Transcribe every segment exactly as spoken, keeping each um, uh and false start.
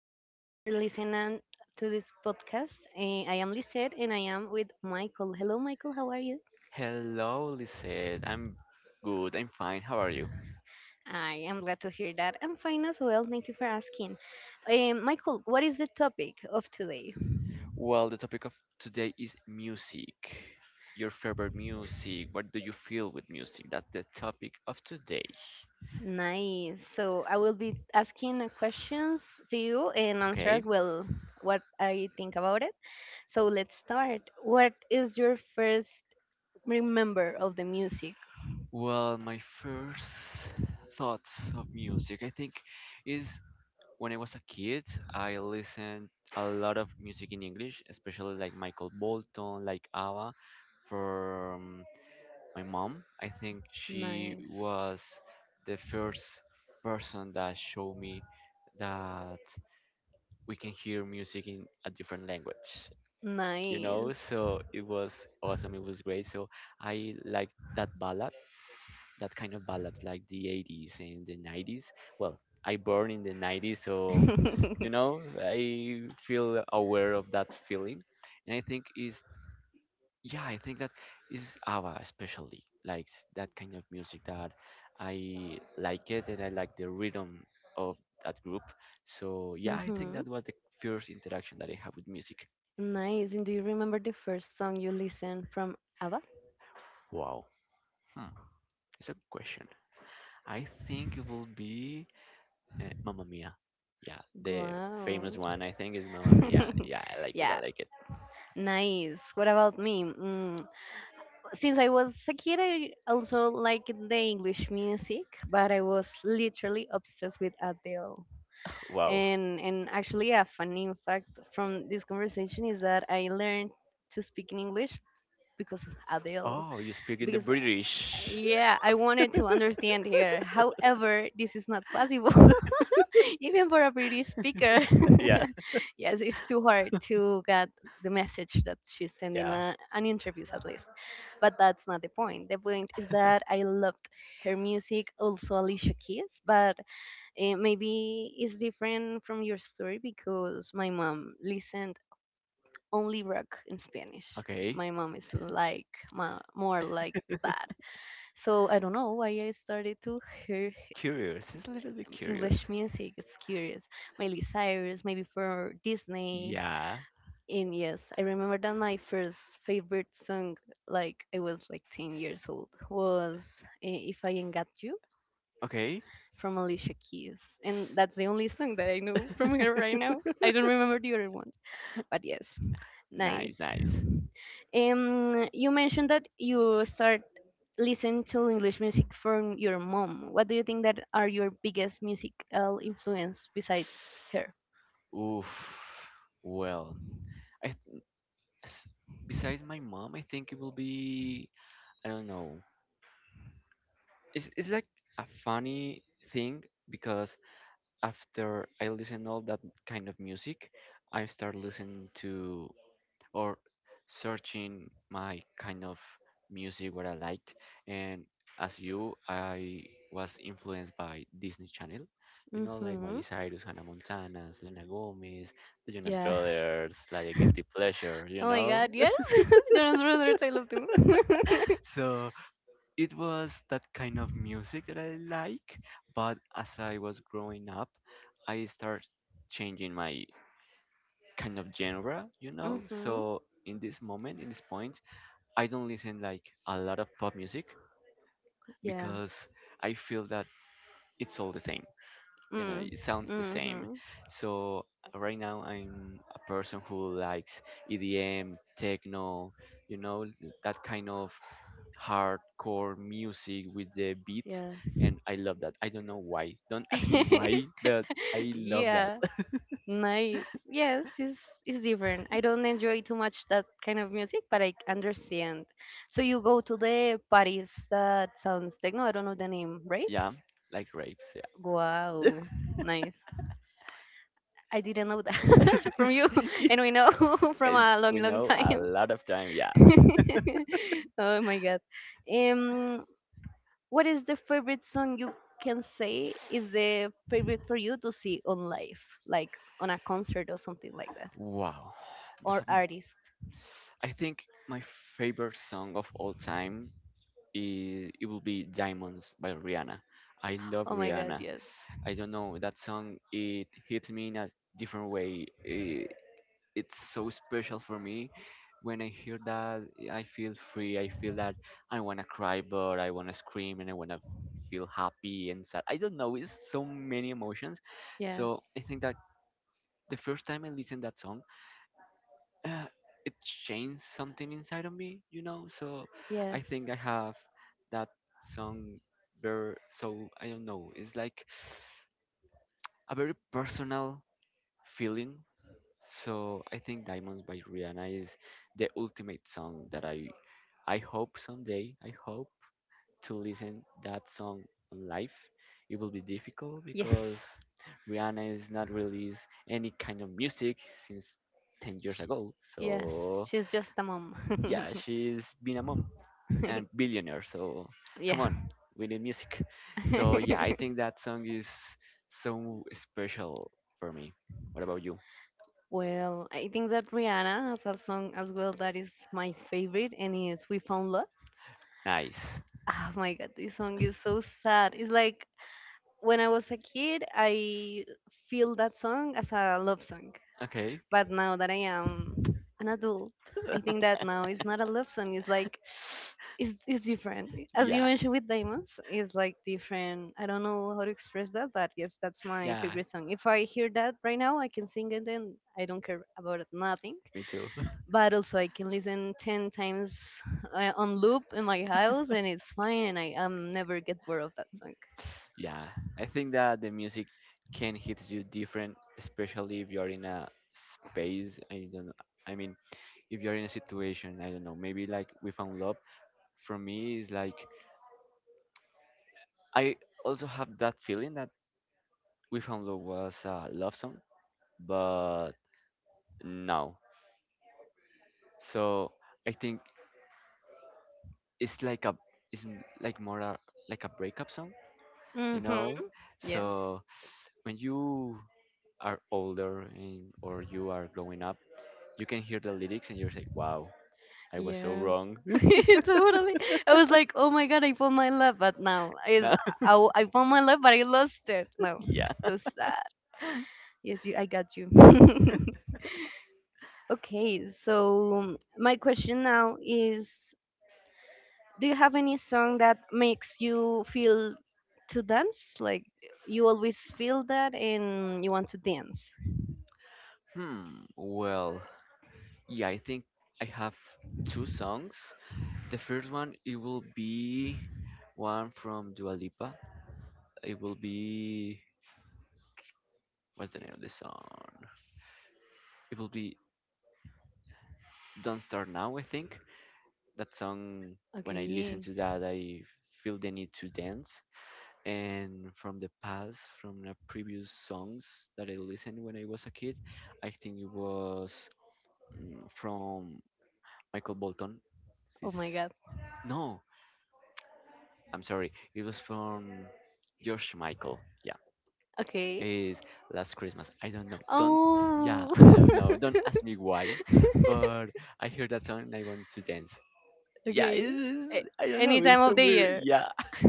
So much for listening to this podcast. Eh, I am Lisette and I am with Michael. Hello, Michael. How are you? Hello, Lisette. I'm good. I'm fine. How are you? I am glad to hear that. I'm fine as well. Thank you for asking. Um, Michael, what is the topic of today? Well, the topic of today is music. Your favorite music. What do you feel with music? That's the topic of today. Nice. So I will be asking uh, questions to you and answer Okay? as well what I think about it. So let's start. What is your first remember of the music? Well, my first thoughts of music, I think, is when I was a kid, I listened a lot of music in English, especially like Michael Bolton, like ABBA, from my mom. I think she Nice. was the first person that showed me that we can hear music in a different language. You know, Nice. so it was awesome. It was great. So I like that ballad, that kind of ballad, like the eighties and the nineties. Well, I born in the nineties, so you know, I feel aware of that feeling, and I think is yeah I think that is ava especially likes that kind of music that I like it and I like the rhythm of that group. So yeah, I think Mhm. that was the first interaction that I have with music. Nice. And do you remember the first song you listened from ABBA? Wow, it's a good question. I think it will be uh, mamma mia. Yeah, the Wow. famous one I think is mamma mia. Yeah, I like it, I yeah, like it. nice. What about me? Mm, since I was a kid, I also liked the English music, but I was literally obsessed with Adele. Wow. And and actually, a funny fact from this conversation is that I learned to speak in English because of Adele. Oh, you speak in the Because uh, British. yeah, I wanted to understand her. However, this is not possible, even for a pretty speaker. Yeah, yes, it's too hard to get the message that she's sending yeah. uh, an interviews at least. But that's not the point. The point is that I loved her music, also Alicia Keys, but Eh, maybe it's different from your story because my mom listened only rock in Spanish. Okay. My mom is like ma- more like that. So I don't know why I started to hear Curious. It's a little bit curious. English music. It's curious. Miley Cyrus, maybe for Disney. Yeah. And yes, I remember that my first favorite song, like I was like ten years old, was eh, If I Ain't Got You Okay. from Alicia Keys, and that's the only song that I know from her right now. I don't remember the other ones, but yes, nice. Nice, nice. Um, you mentioned that you start listening to English music from your mom. What do you think that are your biggest musical influence besides her? Oof. Well, I th- s- besides my mom, I think it will be I don't know. It's it's like a funny thing, because after I listen all that kind of music, I start listening to or searching my kind of music what I liked. And as you, I was influenced by Disney Channel. You know, like Mm-hmm. Miley Cyrus, Hannah Montana, Selena Gomez, the Jonas Yeah. Brothers, like a guilty pleasure, you Oh my know? God. Yes. Jonas Brothers. I love them. So it was that kind of music that I like, but as I was growing up, I started changing my kind of genre, you know? mm-hmm. So in this moment, in this point, I don't listen like a lot of pop music, Yeah. because I feel that it's all the same. You know, Mm. it sounds the same. Mm-hmm. So right now I'm a person who likes E D M, techno, you know, that kind of hardcore music with the beats, Yes. and I love that. I don't know why. Don't ask me why, but I love that. yeah. Nice. Yes, it's it's different. I don't enjoy too much that kind of music, but I understand. So you go to the parties that sounds techno. I don't know the name, right? Yeah, like rapes. Yeah. Wow. Nice. I didn't know that from you, and we know from Uh, a long, we long know a time. lot of time. Yeah. oh my god. Um, what is the favorite song you can say is the favorite for you to see on live, like on a concert or something like that, Wow, that's a. or artist? I think my favorite song of all time is it will be Diamonds by Rihanna. I love Oh my god, Rihanna. yes, I don't know that song. It hits me in a different way. It, it's so special for me. When I hear that, I feel free. I feel that I wanna cry, but I wanna scream and I wanna feel happy and sad. I don't know. It's so many emotions. yes, So I think that the first time I listened that song. uh, it changed something inside of me, you know. So I yes, think I have that song very so I don't know. It's like a very personal feeling. So I think Diamonds by Rihanna is the ultimate song that I I hope someday. I hope to listen that song on live. It will be difficult yes, because Rihanna is not released any kind of music since ten years Sh ago. yes. So She's just a mom. yeah, she's been a mom and billionaire. So come yeah. on, we need music. So yeah, I think that song is so special for me. What about you? Well, I think that Rihanna has a song as well that is my favorite, and is "We Found Love." Nice. Oh my God, this song is so sad. It's like when I was a kid, I feel that song as a love song, Okay. but now that I am an adult, I think that now it's not a love song. It's like it's it's different. As you Yeah. mentioned with diamonds, it's like different. I don't know how to express that, but yes, that's my Yeah. favorite song. If I hear that right now, I can sing it, and I don't care about it, nothing Me too. but also I can listen ten times uh, on loop in my house and it's fine and I um, never get bored of that song. Yeah, I think that the music can hit you different, especially if you're in a space. I don't. I mean, if you're in a situation, I don't know, maybe like we found love. For me, it's like I also have that feeling that we found love was a love song, but no. So I think it's like a it's m- like more a, like a breakup song, you know. Mm-hmm. Yes. So when you are older and or you are growing up, you can hear the lyrics and you're like, wow, I was so Yes. wrong. Totally. I was like, oh my god, I found my love, but now is No? I, I found my love, but I lost it. No, Yeah. so sad. Yes, you. I got you. Okay, so my question now is, do you have any song that makes you feel to dance? Like you always feel that and you want to dance. Hmm. Well, yeah, I think I have two songs. The first one it will be one from Dua Lipa. It will be what's the name of the song? It will be Don't Start Now, I think. That song, when I listen Okay. to that, I feel the need to dance, and from the past, from the previous songs that I listened when I was a kid, I think it was mm, from michael bolton. Oh my This god. no, I'm sorry, it was from george michael. Yeah, Okay. is last christmas. I don't know, don't yeah Oh. I don't know, don't ask me why. But I heard that song and I want to dance. Yeah, it's, Okay. A- it's I don't any know, time it's so of the weird. year. Yeah.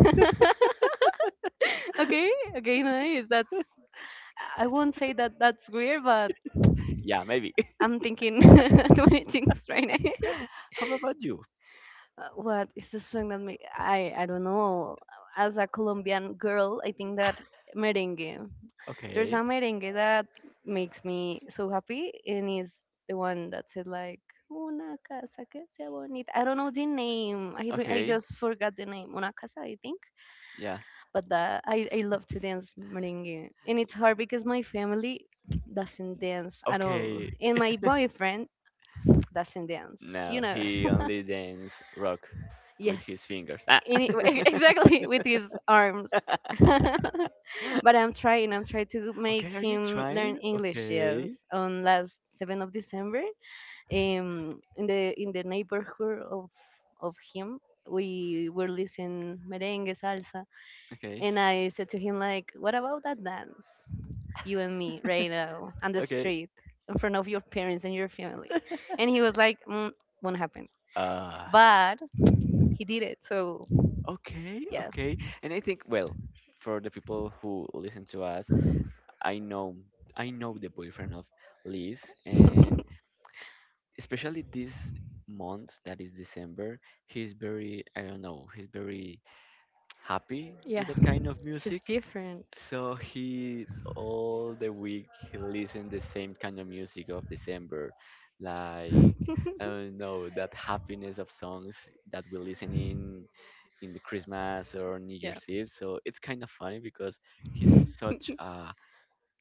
okay. Okay. Nice. That's. I won't say that that's weird, but Yeah, maybe. I'm thinking too many things right now. How about you? Uh, what is the song that me? I I don't know. As a Colombian girl, I think that merengue. There's Okay. a merengue that makes me so happy, and is the one that said like. Una casa que sea bonita. I don't know the name. I re- I Okay. just forgot the name. Una casa, I think. Yeah. But that I, I love to dance merengue and it's hard because my family doesn't dance at all Okay. and my boyfriend doesn't dance you No, know he only dance rock with yes his fingers. Ah. in it- exactly with his arms but I'm trying, I'm trying to make Okay, are you him learn trying? english Okay. yes on last seventh of december um in the in the neighborhood of of him we were listening merengue salsa Okay. and I said to him like what about that dance you and me right now on the Okay. street in front of your parents and your family. And he was like, mm, won't happen. Uh, But he did it. So, okay, yeah. okay. And I think, well, for the people who listen to us, I know I know the boyfriend of Liz, and especially this month that is December, he's very, I don't know, he's very happy Yeah. with that kind of He's music. different. So he all the week he listened the same kind of music of December. Like I don't know that happiness of songs that we listen in in the Christmas or New yeah. Year's Eve. So it's kind of funny because he's such a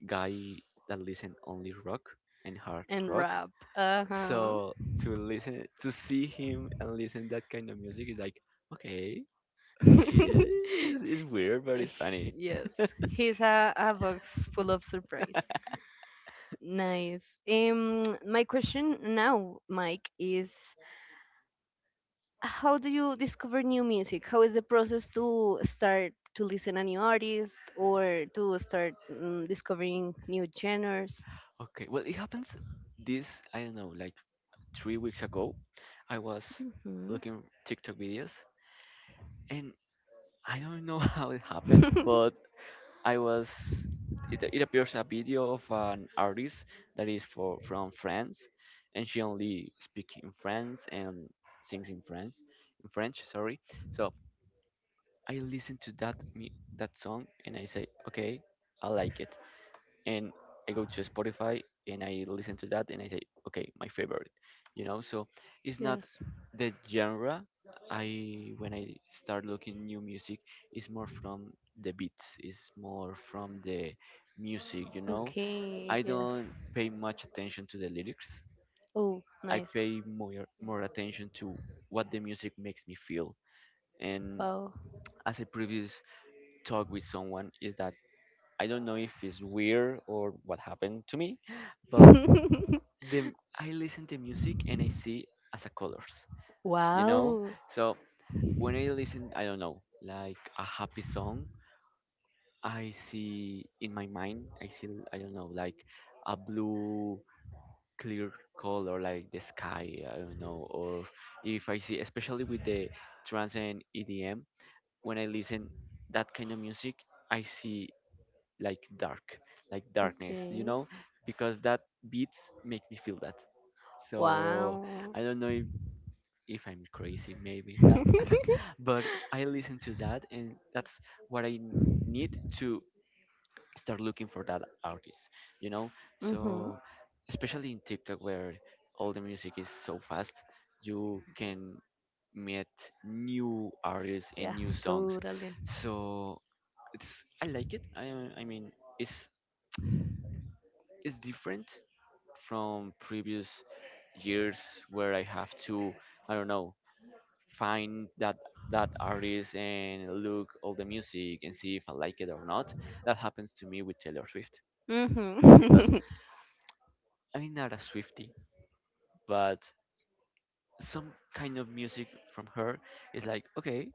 guy that listen only rock and hard And rock. rap. Uh huh. So to listen to see him and listen that kind of music is like okay, okay, it's, it's weird but it's funny. yes. He's a, a box full of surprise. Nice. Um, my question now, Mike, is how do you discover new music? How is the process to start to listen a new artist or to start mm, discovering new genres? Okay, well it happens this I don't know like three weeks ago. I was Hmm. looking TikTok videos, and I don't know how it happened, but I was it, it appears a video of an artist that is for from France, and she only speaks in French and sings in French in French sorry. So I listened to that me that song and I say okay, I like it, and I go to Spotify and I listen to that and I say, okay, my favorite, you know. So it's not yes. the genre. I when I start looking new music, it's more from the beats. It's more from the music, you know. Okay. I Yes. don't pay much attention to the lyrics. Oh, I nice. pay more more attention to what the music makes me feel. And Wow. as I previous talk with someone, is that I don't know if it's weird or what happened to me, but the I listen to music and I see as a colors, you know. wow. So when I listen, I don't know, like a happy song, I see in my mind, I see I don't know, like a blue clear color, like the sky, I don't know, or if I see, especially with the trance and E D M, when I listen that kind of music, I see like dark, like darkness, you Okay. know, because that beats make me feel that. So Wow. I don't know if, if I'm crazy, maybe, uh, but I listen to that, and that's what I n- need to start looking for that artist, you know. mm-hmm. So especially in TikTok where all the music is so fast, you can meet new artists and Yeah, new songs. totally. So it's I like it. I I mean it's it's different, from previous years where I have to, I don't know, find that that artist and look all the music and see if I like it or not. That happens to me with Taylor Swift because Mm-hmm. I'm not a Swiftie, but some kind of music from her is like, okay,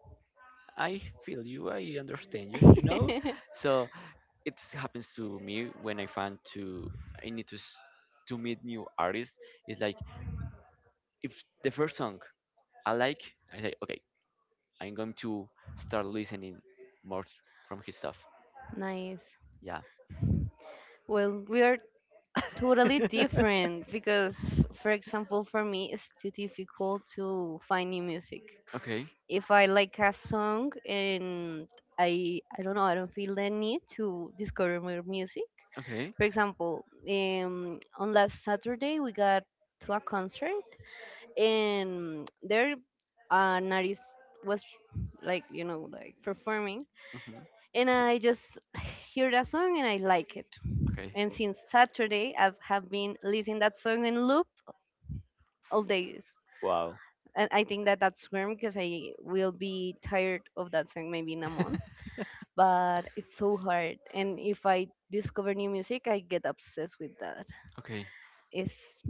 I feel you, I understand you, you know. So it happens to me when I find to I need to s- to meet new artists. It's like if the first song I like, I say, okay, I'm going to start listening more from his stuff. Nice. Yeah. Well, we are totally different because, for example, for me, it's too difficult to find new music. Okay. If I like a song and I, I don't know, I don't feel the need to discover more music. Okay. For example, um, on last Saturday we got to a concert and there an artist was like you know like performing Hmm. and I just hear that song and I like it Okay. and since Saturday I have been listening that song in loop all days Wow. and I think that that's grim because I will be tired of that song maybe in a month but it's so hard and if I discover new music I get obsessed with that Okay. it's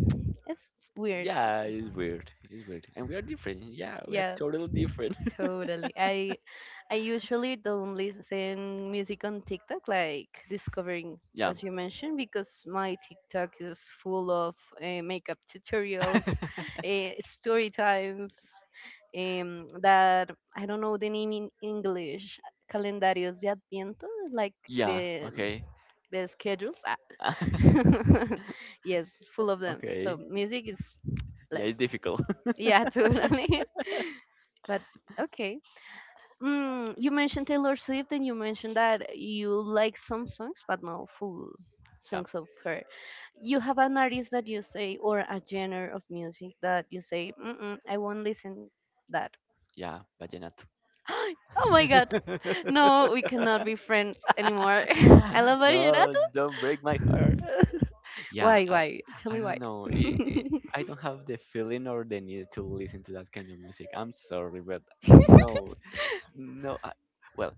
it's weird. Yeah, it's weird. It's weird. And we are different. Yeah, we are Yeah, totally different. totally. I I usually don't listen music on TikTok like discovering Yeah. as you mentioned because my TikTok is full of uh, makeup tutorials, uh, story times, um that I don't know the name in English, calendarios de Adviento, like Yeah. the Okay. the schedules. Ah. yes, full of them. So Okay. music is Yeah, less. it's difficult. Yeah, totally. But okay. Mm, you mentioned Taylor Swift and you mentioned that you like some songs, but not full Yeah. songs of her. You have an artist that you say, or a genre of music that you say, Mm-mm, I won't listen that. Yeah. Vallenato. oh my god. No, we cannot be friends anymore. I love No, Vallenato. don't break my heart. Yeah. Why, why? Tell I me why. don't know. It, it, I don't have the feeling or the need to listen to that kind of music. I'm sorry, but no, s- no. I, well,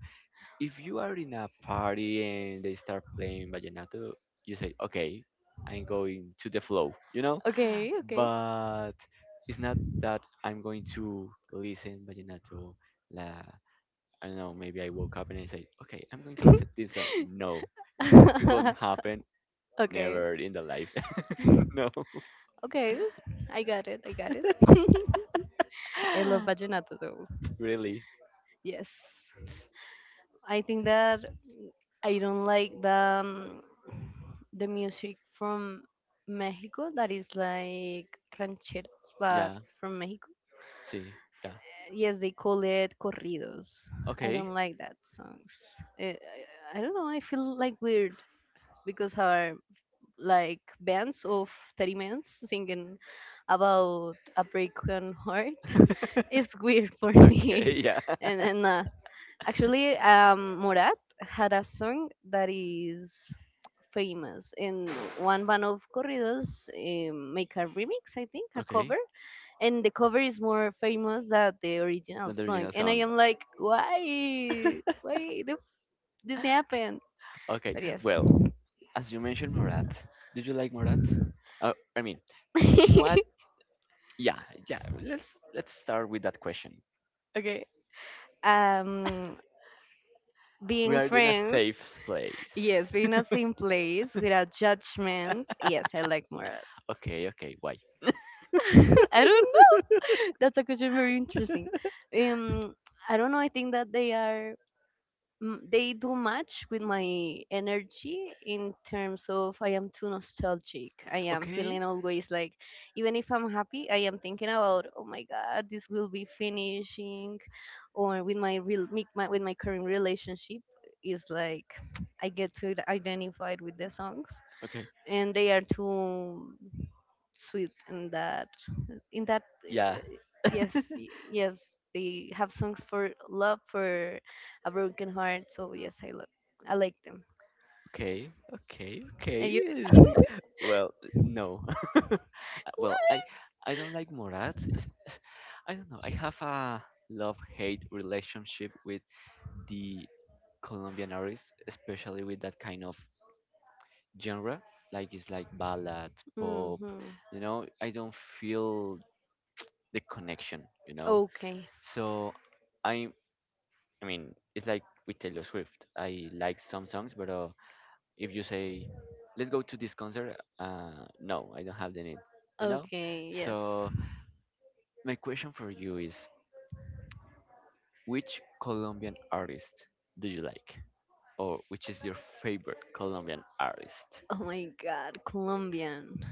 if you are in a party and they start playing vallenato, you say, "Okay, I'm going to the flow," you know. okay, okay. But it's not that I'm going to listen vallenato. La, I don't know. Maybe I woke up and I say, "Okay, I'm going to listen this song." No, it won't happen. okay. Never in the life. No. Okay, I got it. I got it. I love vallenato though. Really? Yes, I think that I don't like the um, the music from Mexico that is like rancheras, but Yeah. from Mexico. See. Yeah. eh, Yes, they call it corridos. I Okay. don't like that songs. I, I, I don't know. I feel like weird because our like bands of thirty minutes singing about a broken heart it's weird for me Okay. Yeah. and then uh, actually um Morat had a song that is famous in one band of corridos, um, make a remix I think a Okay. cover and the cover is more famous than the original Not the song original and I song. am like why why did this happen Okay. but yes. Well, as you mentioned, Morat. Did you like Morat? Uh, I mean, what? Yeah. Yeah. Let's let's start with that question. okay um We being are in a friends. safe place. Yes, being at same place without judgment. Yes, I like more. Okay. Okay. Why? I don't know. That's a question very interesting. Um, I don't know. I think that they are mm, they do match with my energy in terms of I am too nostalgic. I am Okay. feeling always like even if I'm happy, I am thinking about oh my god, this will be finishing. Or with my real me- my, with my current relationship is like I get to identify with the songs Okay. and they are too sweet in that in that Yeah. uh, yes y- yes they have songs for love for a broken heart so yes I love I like them. Okay. Okay. Okay. And you? Well, no. Well, I I don't like Morat. It's- it's- I don't know. I have a love-hate relationship with the Colombian artists, especially with that kind of genre. Like it's like ballad, pop. Hmm. You know, I don't feel the connection, you know. Okay. So I I mean, it's like with Taylor Swift. I like some songs, but uh, if you say, "Let's go to this concert," uh, no, I don't have the need, you know. Okay. Yes. So my question for you is, which Colombian artist do you like, or which is your favorite Colombian artist? Oh my god, Colombian.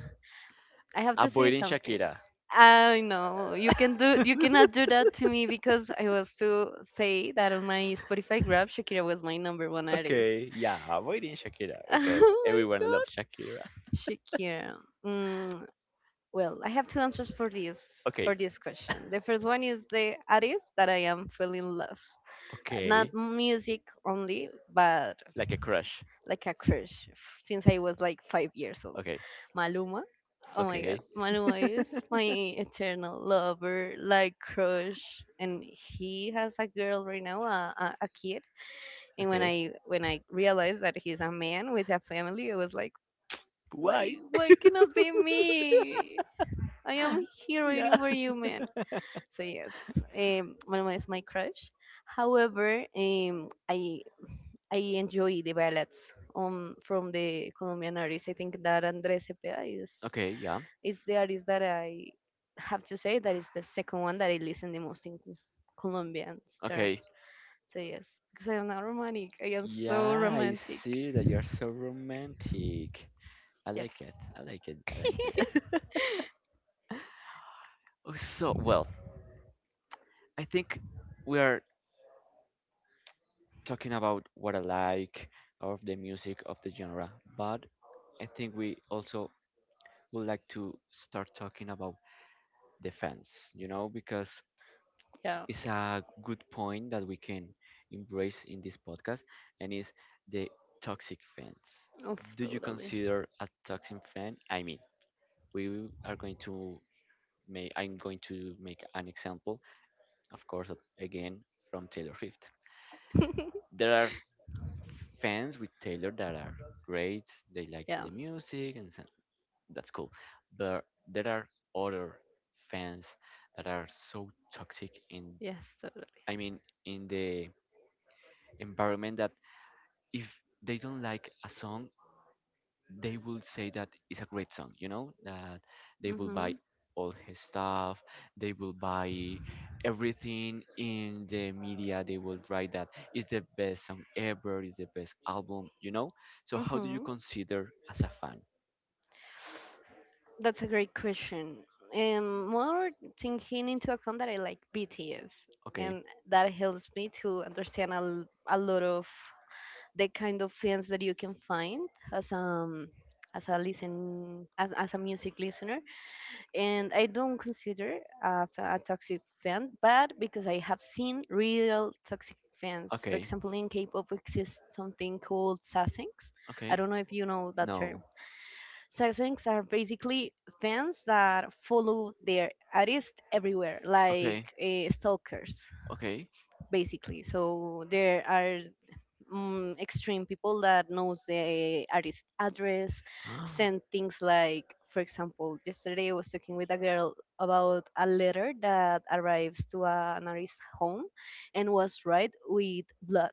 I have to say Avoiding something. Shakira. I know you can do, you cannot do that to me because I was to say that on my Spotify grab Shakira was my number one artist. Okay, yeah, avoiding Shakira oh because my everyone loves god. Shakira. Shakira. Mm, well, I have two answers for this Okay, for this question. The first one is the artist that I am feeling love. Not okay, music only, but like a crush. like a crush f- since I was like five years old. Okay, Maluma. Oh my god, okay, Maluma is my eternal lover, like crush, and he has a girl right now, a, a, a kid. And when okay. I when I realized that he's a man with a family, I was like, Why? why why cannot be me? I am here waiting Yeah. for you, man. So yes, um, Maluma is my crush. However, um, I I enjoy the ballads um from the Colombian artists. I think that Andres Cepeda is Okay, yeah. is the artist that I have to say that is the second one that I listen the most in Colombian terms. Okay. So yes, because I am not romantic. I am so Yeah, I romantic. see that you're so romantic. I Yeah. like it. I like it. I like it. Oh, so, well, I think we are talking about what I like of the music of the genre, but I think we also would like to start talking about the fans, you know, because Yeah. it's a good point that we can embrace in this podcast, and is the toxic fans. Oh, Do you totally. consider a toxic fan? I mean, we are going to make, I'm going to make an example, of course, of- again, from Taylor Swift there are fans with Taylor that are great. They like Yeah. the music, and so- that's cool. But there are other fans that are so toxic in, Yes, totally. I mean, in the environment that if they don't like a song, they will say that it's a great song, you know, that they will Mm-hmm. buy all his stuff, they will buy everything in the media, they will write that it's the best song ever, it's the best album, you know. So how do you Mm-hmm. consider as a fan? That's a great question. And more taking into account that I like B T S, Okay. and that helps me to understand a, l- a lot of the kind of films that you can find as um as a listen as, as a music listener, and I don't consider a, f- a toxic fan, but because I have seen real toxic fans. For Okay. example, in K-pop exists something called sasengs. I Okay. don't know if you know that term. No. Sasengs are basically fans that follow their artist everywhere like Okay. uh, stalkers Okay. basically. So there are mm, extreme people that knows the artist address, send things. Like, for example, yesterday I was talking with a girl about a letter that arrives to a- an artist's home, and was write with blood.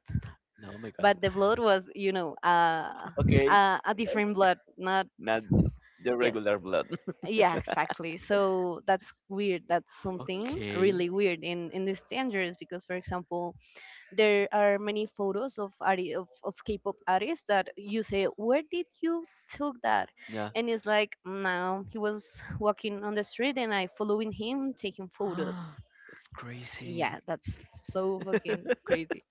No, my God. But the blood was, you know, uh, Okay. a, a different blood, not Not the yes. regular blood. Yeah, exactly. So that's weird. That's something Okay. really weird, and, and it's dangerous because, for example, there are many photos of arti- of, of K-pop artists that you say, "Where did you took that?" Yeah. And it's like, "No, he was walking on the street, and I following him, taking photos." That's crazy. Yeah, that's so fucking crazy.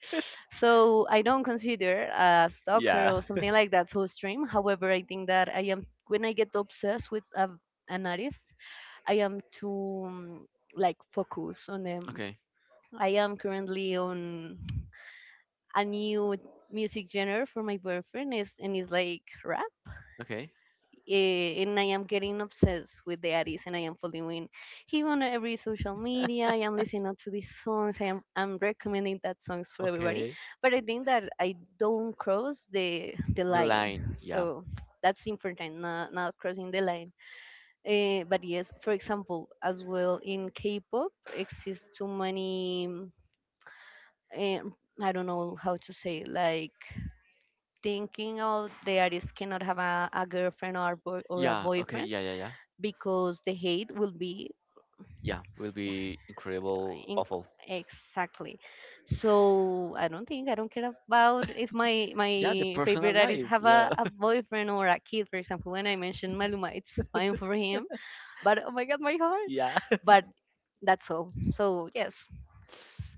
So I don't consider a stalker Yeah. or something like that so extreme. However, I think that I am when I get obsessed with a, an artist, I am too um, like focused on them. Okay. I am currently on a new music genre for my boyfriend is, and it's like rap. Okay. Eh, and I am getting obsessed with the artist, and I am following him on every social media. I am listening to these songs. I am I'm recommending that songs for everybody. Okay. But I think that I don't cross the the The line. line, yeah. So that's important, not, not crossing the line. Eh, but yes, for example, as well in K-pop exists too many, um, I don't know how to say, like, thinking of the artist cannot have a, a girlfriend or, boy, or a Yeah, okay, boyfriend, yeah, yeah, yeah. because the hate will be Yeah, will be incredible, in, awful. exactly. So I don't think, I don't care about if my Yeah, the my personal favorite artist life, have yeah. a, a boyfriend or a kid. For example, when I mentioned Maluma, it's fine for him. But oh my god, my heart. Yeah. But that's all. So yes,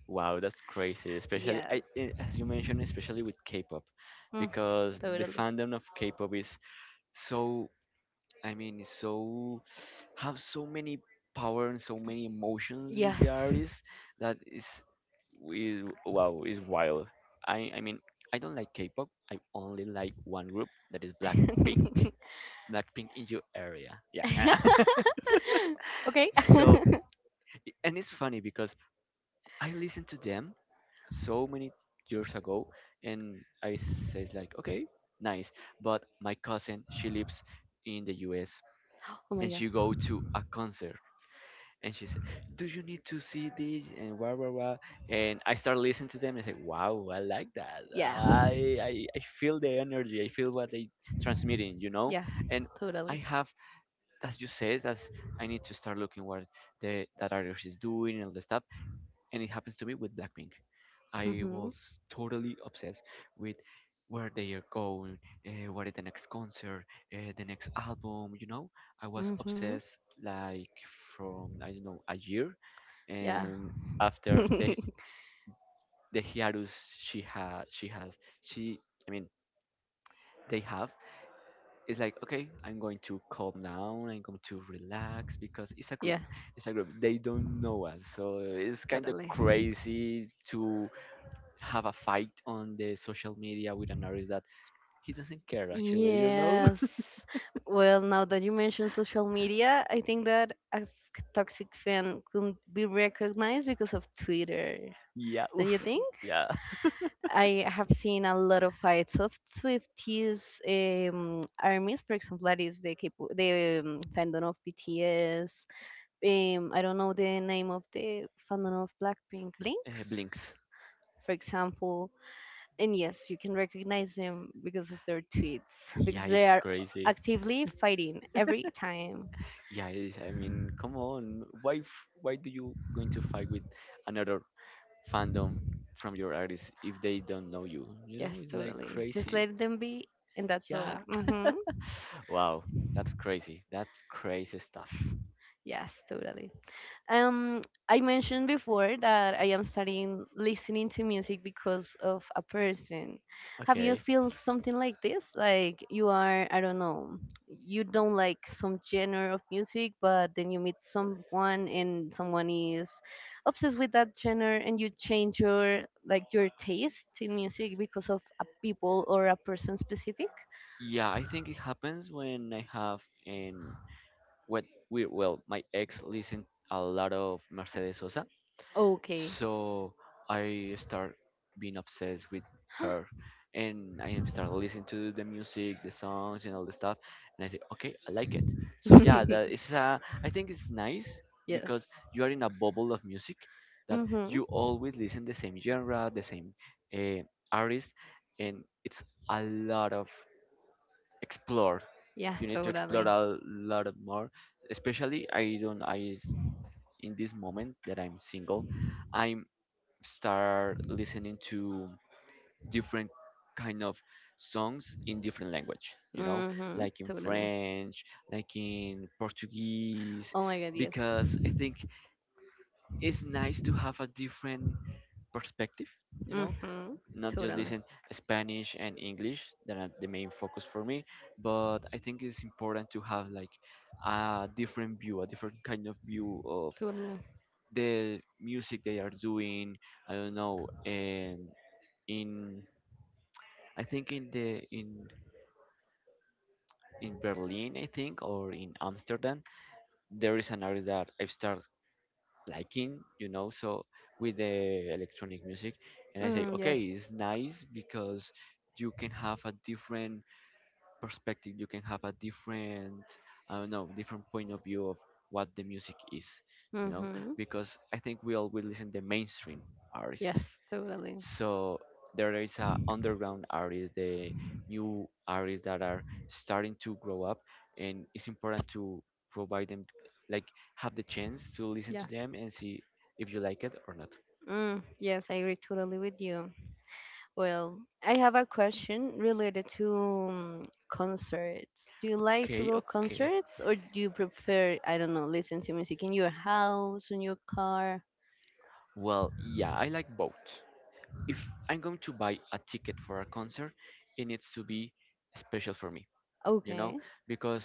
Wow, that's crazy. Especially, yeah. I, i- as you mentioned, especially with K-pop, Mm, because the totally, fandom of K-pop is so I mean, so have so many power and so many emotions with the yes. artist that is is wow, is wild. I I mean, I don't like K-pop. I only like one group that is Blackpink. Blackpink in your area, yeah. Okay. So and it's funny because I listened to them so many years ago, and I says like, okay, nice. But my cousin, she lives in the U S Oh my and god. she go to a concert. And she said, "Do you need to see this?" And blah blah blah. And I start listening to them and I said, "Wow, I like that. Yeah. I I, I feel the energy. I feel what they transmitting. You know." Yeah. And Totally. I have, as you said, that's I need to start looking what the that artist is doing and all the stuff. And it happens to me with Blackpink. I Mhm. was totally obsessed with where they are going, uh, what is the next concert, uh, the next album. You know, I was Mhm. obsessed like from I don't know a year, Yeah. and after the the hiatus she ha she has she I mean they have it's like okay I'm going to calm down I'm going to relax because it's a group, Yeah. it's a group they don't know us so it's kind of Totally. crazy to have a fight on the social media with an artist that he doesn't care actually, you know? Yes. Well, now that you mentioned social media, I think that a f- toxic fan could be recognized because of Twitter. Yeah, Don't you oof, think? yeah. I have seen a lot of fights of Swifties, um, armies. For example, that is the, K-pop, the um, fandom of B T S. Um, I don't know the name of the fandom of Blackpink. Uh, Blinks, blinks. for example. And yes, you can recognize them because of their tweets, because Yeah, they it's are crazy. actively fighting every time. Yeah, it is. I mean, come on. Why f- why do you going to fight with another fandom from your artist if they don't know you? You know, Yes, it's like totally. Just crazy. let them be, and that's all. Yeah. Hmm. Wow, that's crazy. That's crazy stuff. Yes, totally. Um, I mentioned before that I am starting listening to music because of a person. Have you Okay. feel something like this? Like you are, I don't know, you don't like some genre of music, but then you meet someone, and someone is obsessed with that genre, and you change your like your taste in music because of a people or a person specific. Yeah, I think it happens when I have and what we well, my ex listened a lot of Mercedes Sosa, Okay. so I start being obsessed with her, and I start listening to the music, the songs, and all the stuff, and I say, okay, I like it. So yeah, that is uh, I think it's nice Yes. because you are in a bubble of music that Hmm. you always listen the same genre, the same uh, artist, and it's a lot of explore. Yeah, You need to explore totally. a lot more. Especially, I don't. I s- in this moment that I'm single, I'm start listening to different kind of songs in different language. You know, Mm-hmm. like in Totally. French, like in Portuguese, Oh my god, yes. because I think it's nice to have a different perspective. You know, Mm-hmm. not just Totally. listen Spanish and English that are the main focus for me, but I think it's important to have like a different view, a different kind of view of Totally. the music they are doing. I don't know, um, in I think in the in in Berlin, I think, or in Amsterdam, there is an artist that I've started liking, you know, so with the electronic music, and I say, Mm, okay, yes. it's nice because you can have a different perspective, you can have a different, I don't know, different point of view of what the music is, you know, Mm-hmm. because I think we all will listen the mainstream artists. Yes, totally. So there is a underground artists, the new artists that are starting to grow up, and it's important to provide them like have the chance to listen Yeah. to them and see if you like it or not. Mm, yes, I agree totally with you. Well, I have a question related to um, concerts. Do you like to Okay, go okay. concerts, or do you prefer, I don't know, listen to music in your house, in your car? Well, yeah, I like both. If I'm going to buy a ticket for a concert, it needs to be special for me, you know, Okay. because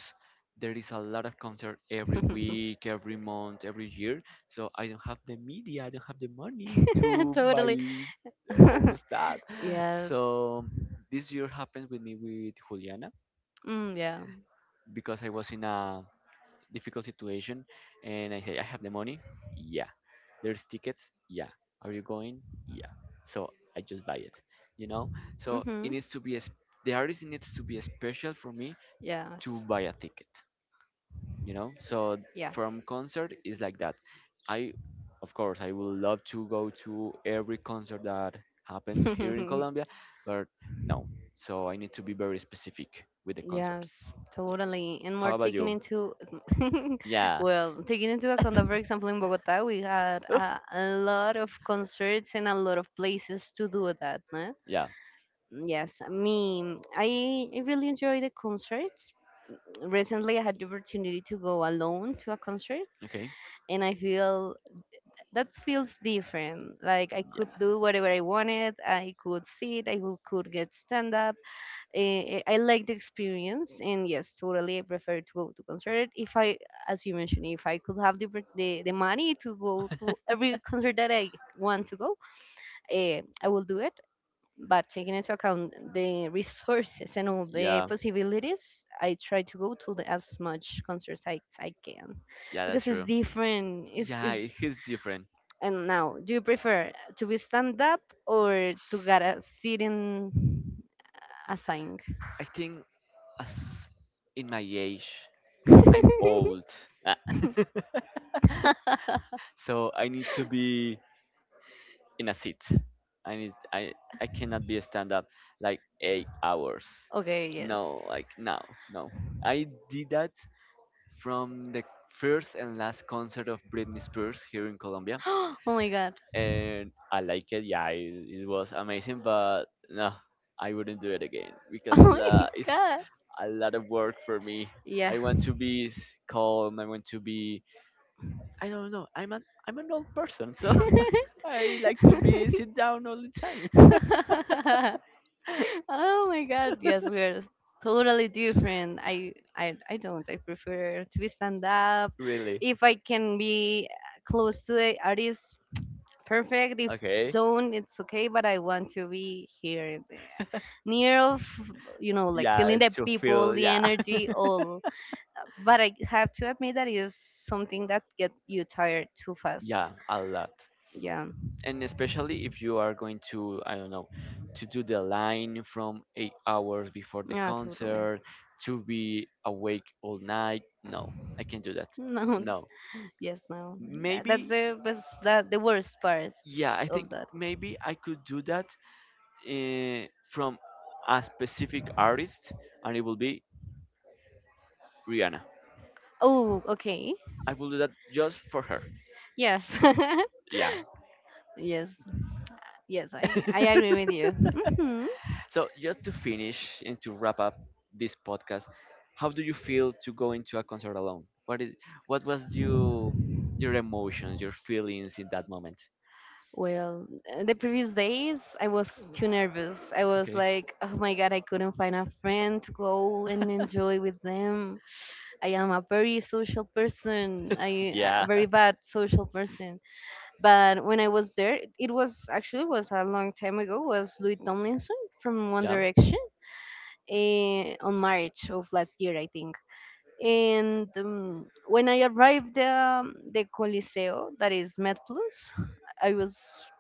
there is a lot of concert every week, every month, every year. So I don't have the media, I don't have the money to buy Totally. all the stuff. Yes. So this year happened with me with Juliana Mm, yeah. because I was in a difficult situation, and I said I have the money. Yeah. There's tickets? Yeah. Are you going? Yeah. So I just buy it, you know? So Mm-hmm. it needs to be, a, sp- the artist needs to be special for me to Yes. buy a ticket, you know? So Yeah. from concert is like that. I, of course, I would love to go to every concert that happens here in Colombia, but no. So I need to be very specific with the Yes, concerts. Yeah. totally. And more How about taking you? into, Yeah. well, taking into account that, for example, in Bogota, we had a, a lot of concerts and a lot of places to do that. No? Yeah. Yes, me, I, I really enjoy the concerts. Recently, I had the opportunity to go alone to a concert, Okay. and I feel that feels different. Like I Yeah. could do whatever I wanted, I could sit, I could could get stand up. eh, eh, I like the experience, and yes, totally, I prefer to go to concert. If I, as you mentioned, if I could have the oppor- the, the money to go to every concert that I want to go, eh, I will do it. But taking into account the resources and all the Yeah. possibilities, I try to go to the, as much concerts as I can, Yeah, that's because it's true. different. It's Yeah, it's it hits different. and now, do you prefer to be stand up or to get a seat in a sing? I think as in my age, I'm old. Ah. So I need to be in a seat. I need I I cannot be stand up like eight hours. Okay, yes. No, like no, no. I did that from the first and last concert of Britney Spears here in Colombia. Oh my god. And I like it. Yeah, it, it was amazing, but no, I wouldn't do it again Oh because it's my la- it's god. a lot of work for me. Yeah. I want to be s- calm. I want to be. I don't know. I'm an I'm an old person, so I like to be sit down all the time. Oh my god. Yes, we're totally different. I I I don't. I prefer to be stand up. Really? If I can be close to the artist, perfect. If Okay. don't, it's okay. But I want to be here, in the- near of, you know, like Yeah, feeling the to people, feel. the Yeah, energy, all. But I have to admit that it is something that get you tired too fast. yeah, a lot. Yeah, And especially if you are going to, I don't know, to do the line from eight hours before the yeah, totally. concert to be awake all night, no, I can't do that. No, No. yes, no. Tha- That's Maybe, the best, that the worst part yeah, I of think that. maybe I could do that uh, from a specific artist, and it will be Rihanna. Oh, okay. I will do that just for her. Yes, Yeah. yes, yes. I I agree with you. Hmm. So just to finish and to wrap up this podcast, how do you feel to go into a concert alone? What is what was you your emotions, your feelings in that moment? Well, uh, the previous days I was too nervous. I was Okay. like, oh my god, I couldn't find a friend to go and enjoy with them. I am a very social person. I a Yeah. very bad social person. But when I was there, it was actually was a long time ago. Was Louis Tomlinson from One Yeah. Direction, eh, on March of last year, I think. And um, when I arrived the the Coliseo, that is MedPlus, I was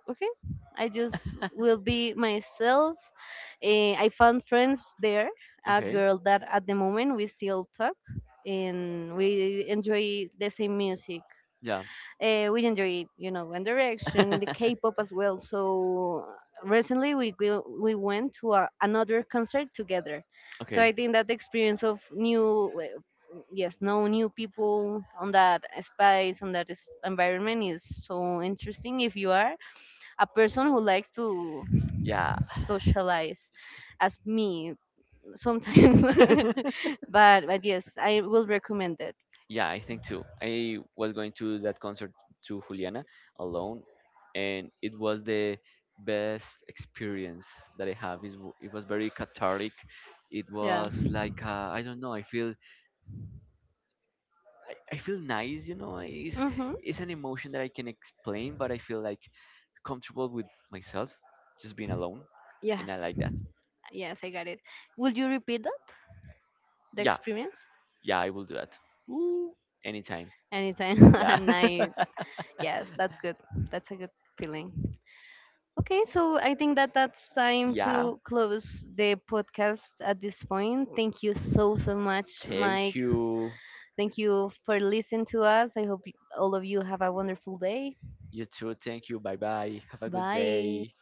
okay. I just will be myself. Eh, I found friends there, a Okay. girl that at the moment we still talk, and we enjoy the same music. Yeah. Uh, we enjoy, you know, One Direction, the K-pop as well. So recently we go- we went to a, another concert together. So I Okay. think that the experience of new, uh, yes, no, new people on that space on that is- environment is so interesting if you are a person who likes to Yeah. socialize as me sometimes. but but yes, I will recommend it. Yeah, I think too. I was going to that concert to Juliana alone, and it was the best experience that I have. It, w- it was very cathartic. It Yeah. was like uh, I don't know. I feel I, I feel nice. You know, it's Hmm. it's an emotion that I can explain, but I feel like comfortable with myself, just being alone, and I Yes. like that. Yes, I got it. Would you repeat that, the Yeah, experience? yeah, I will do that. Woo! Anytime. Anytime. Yeah, Nice. Yes, that's good. That's a good feeling. Okay, so I think that that's time yeah. to close the podcast at this point. Thank you so, so much, Thank Mike. you. Thank you for listening to us. I hope y- all of you have a wonderful day. You too. Thank you. Bye bye. Have a good Bye. day.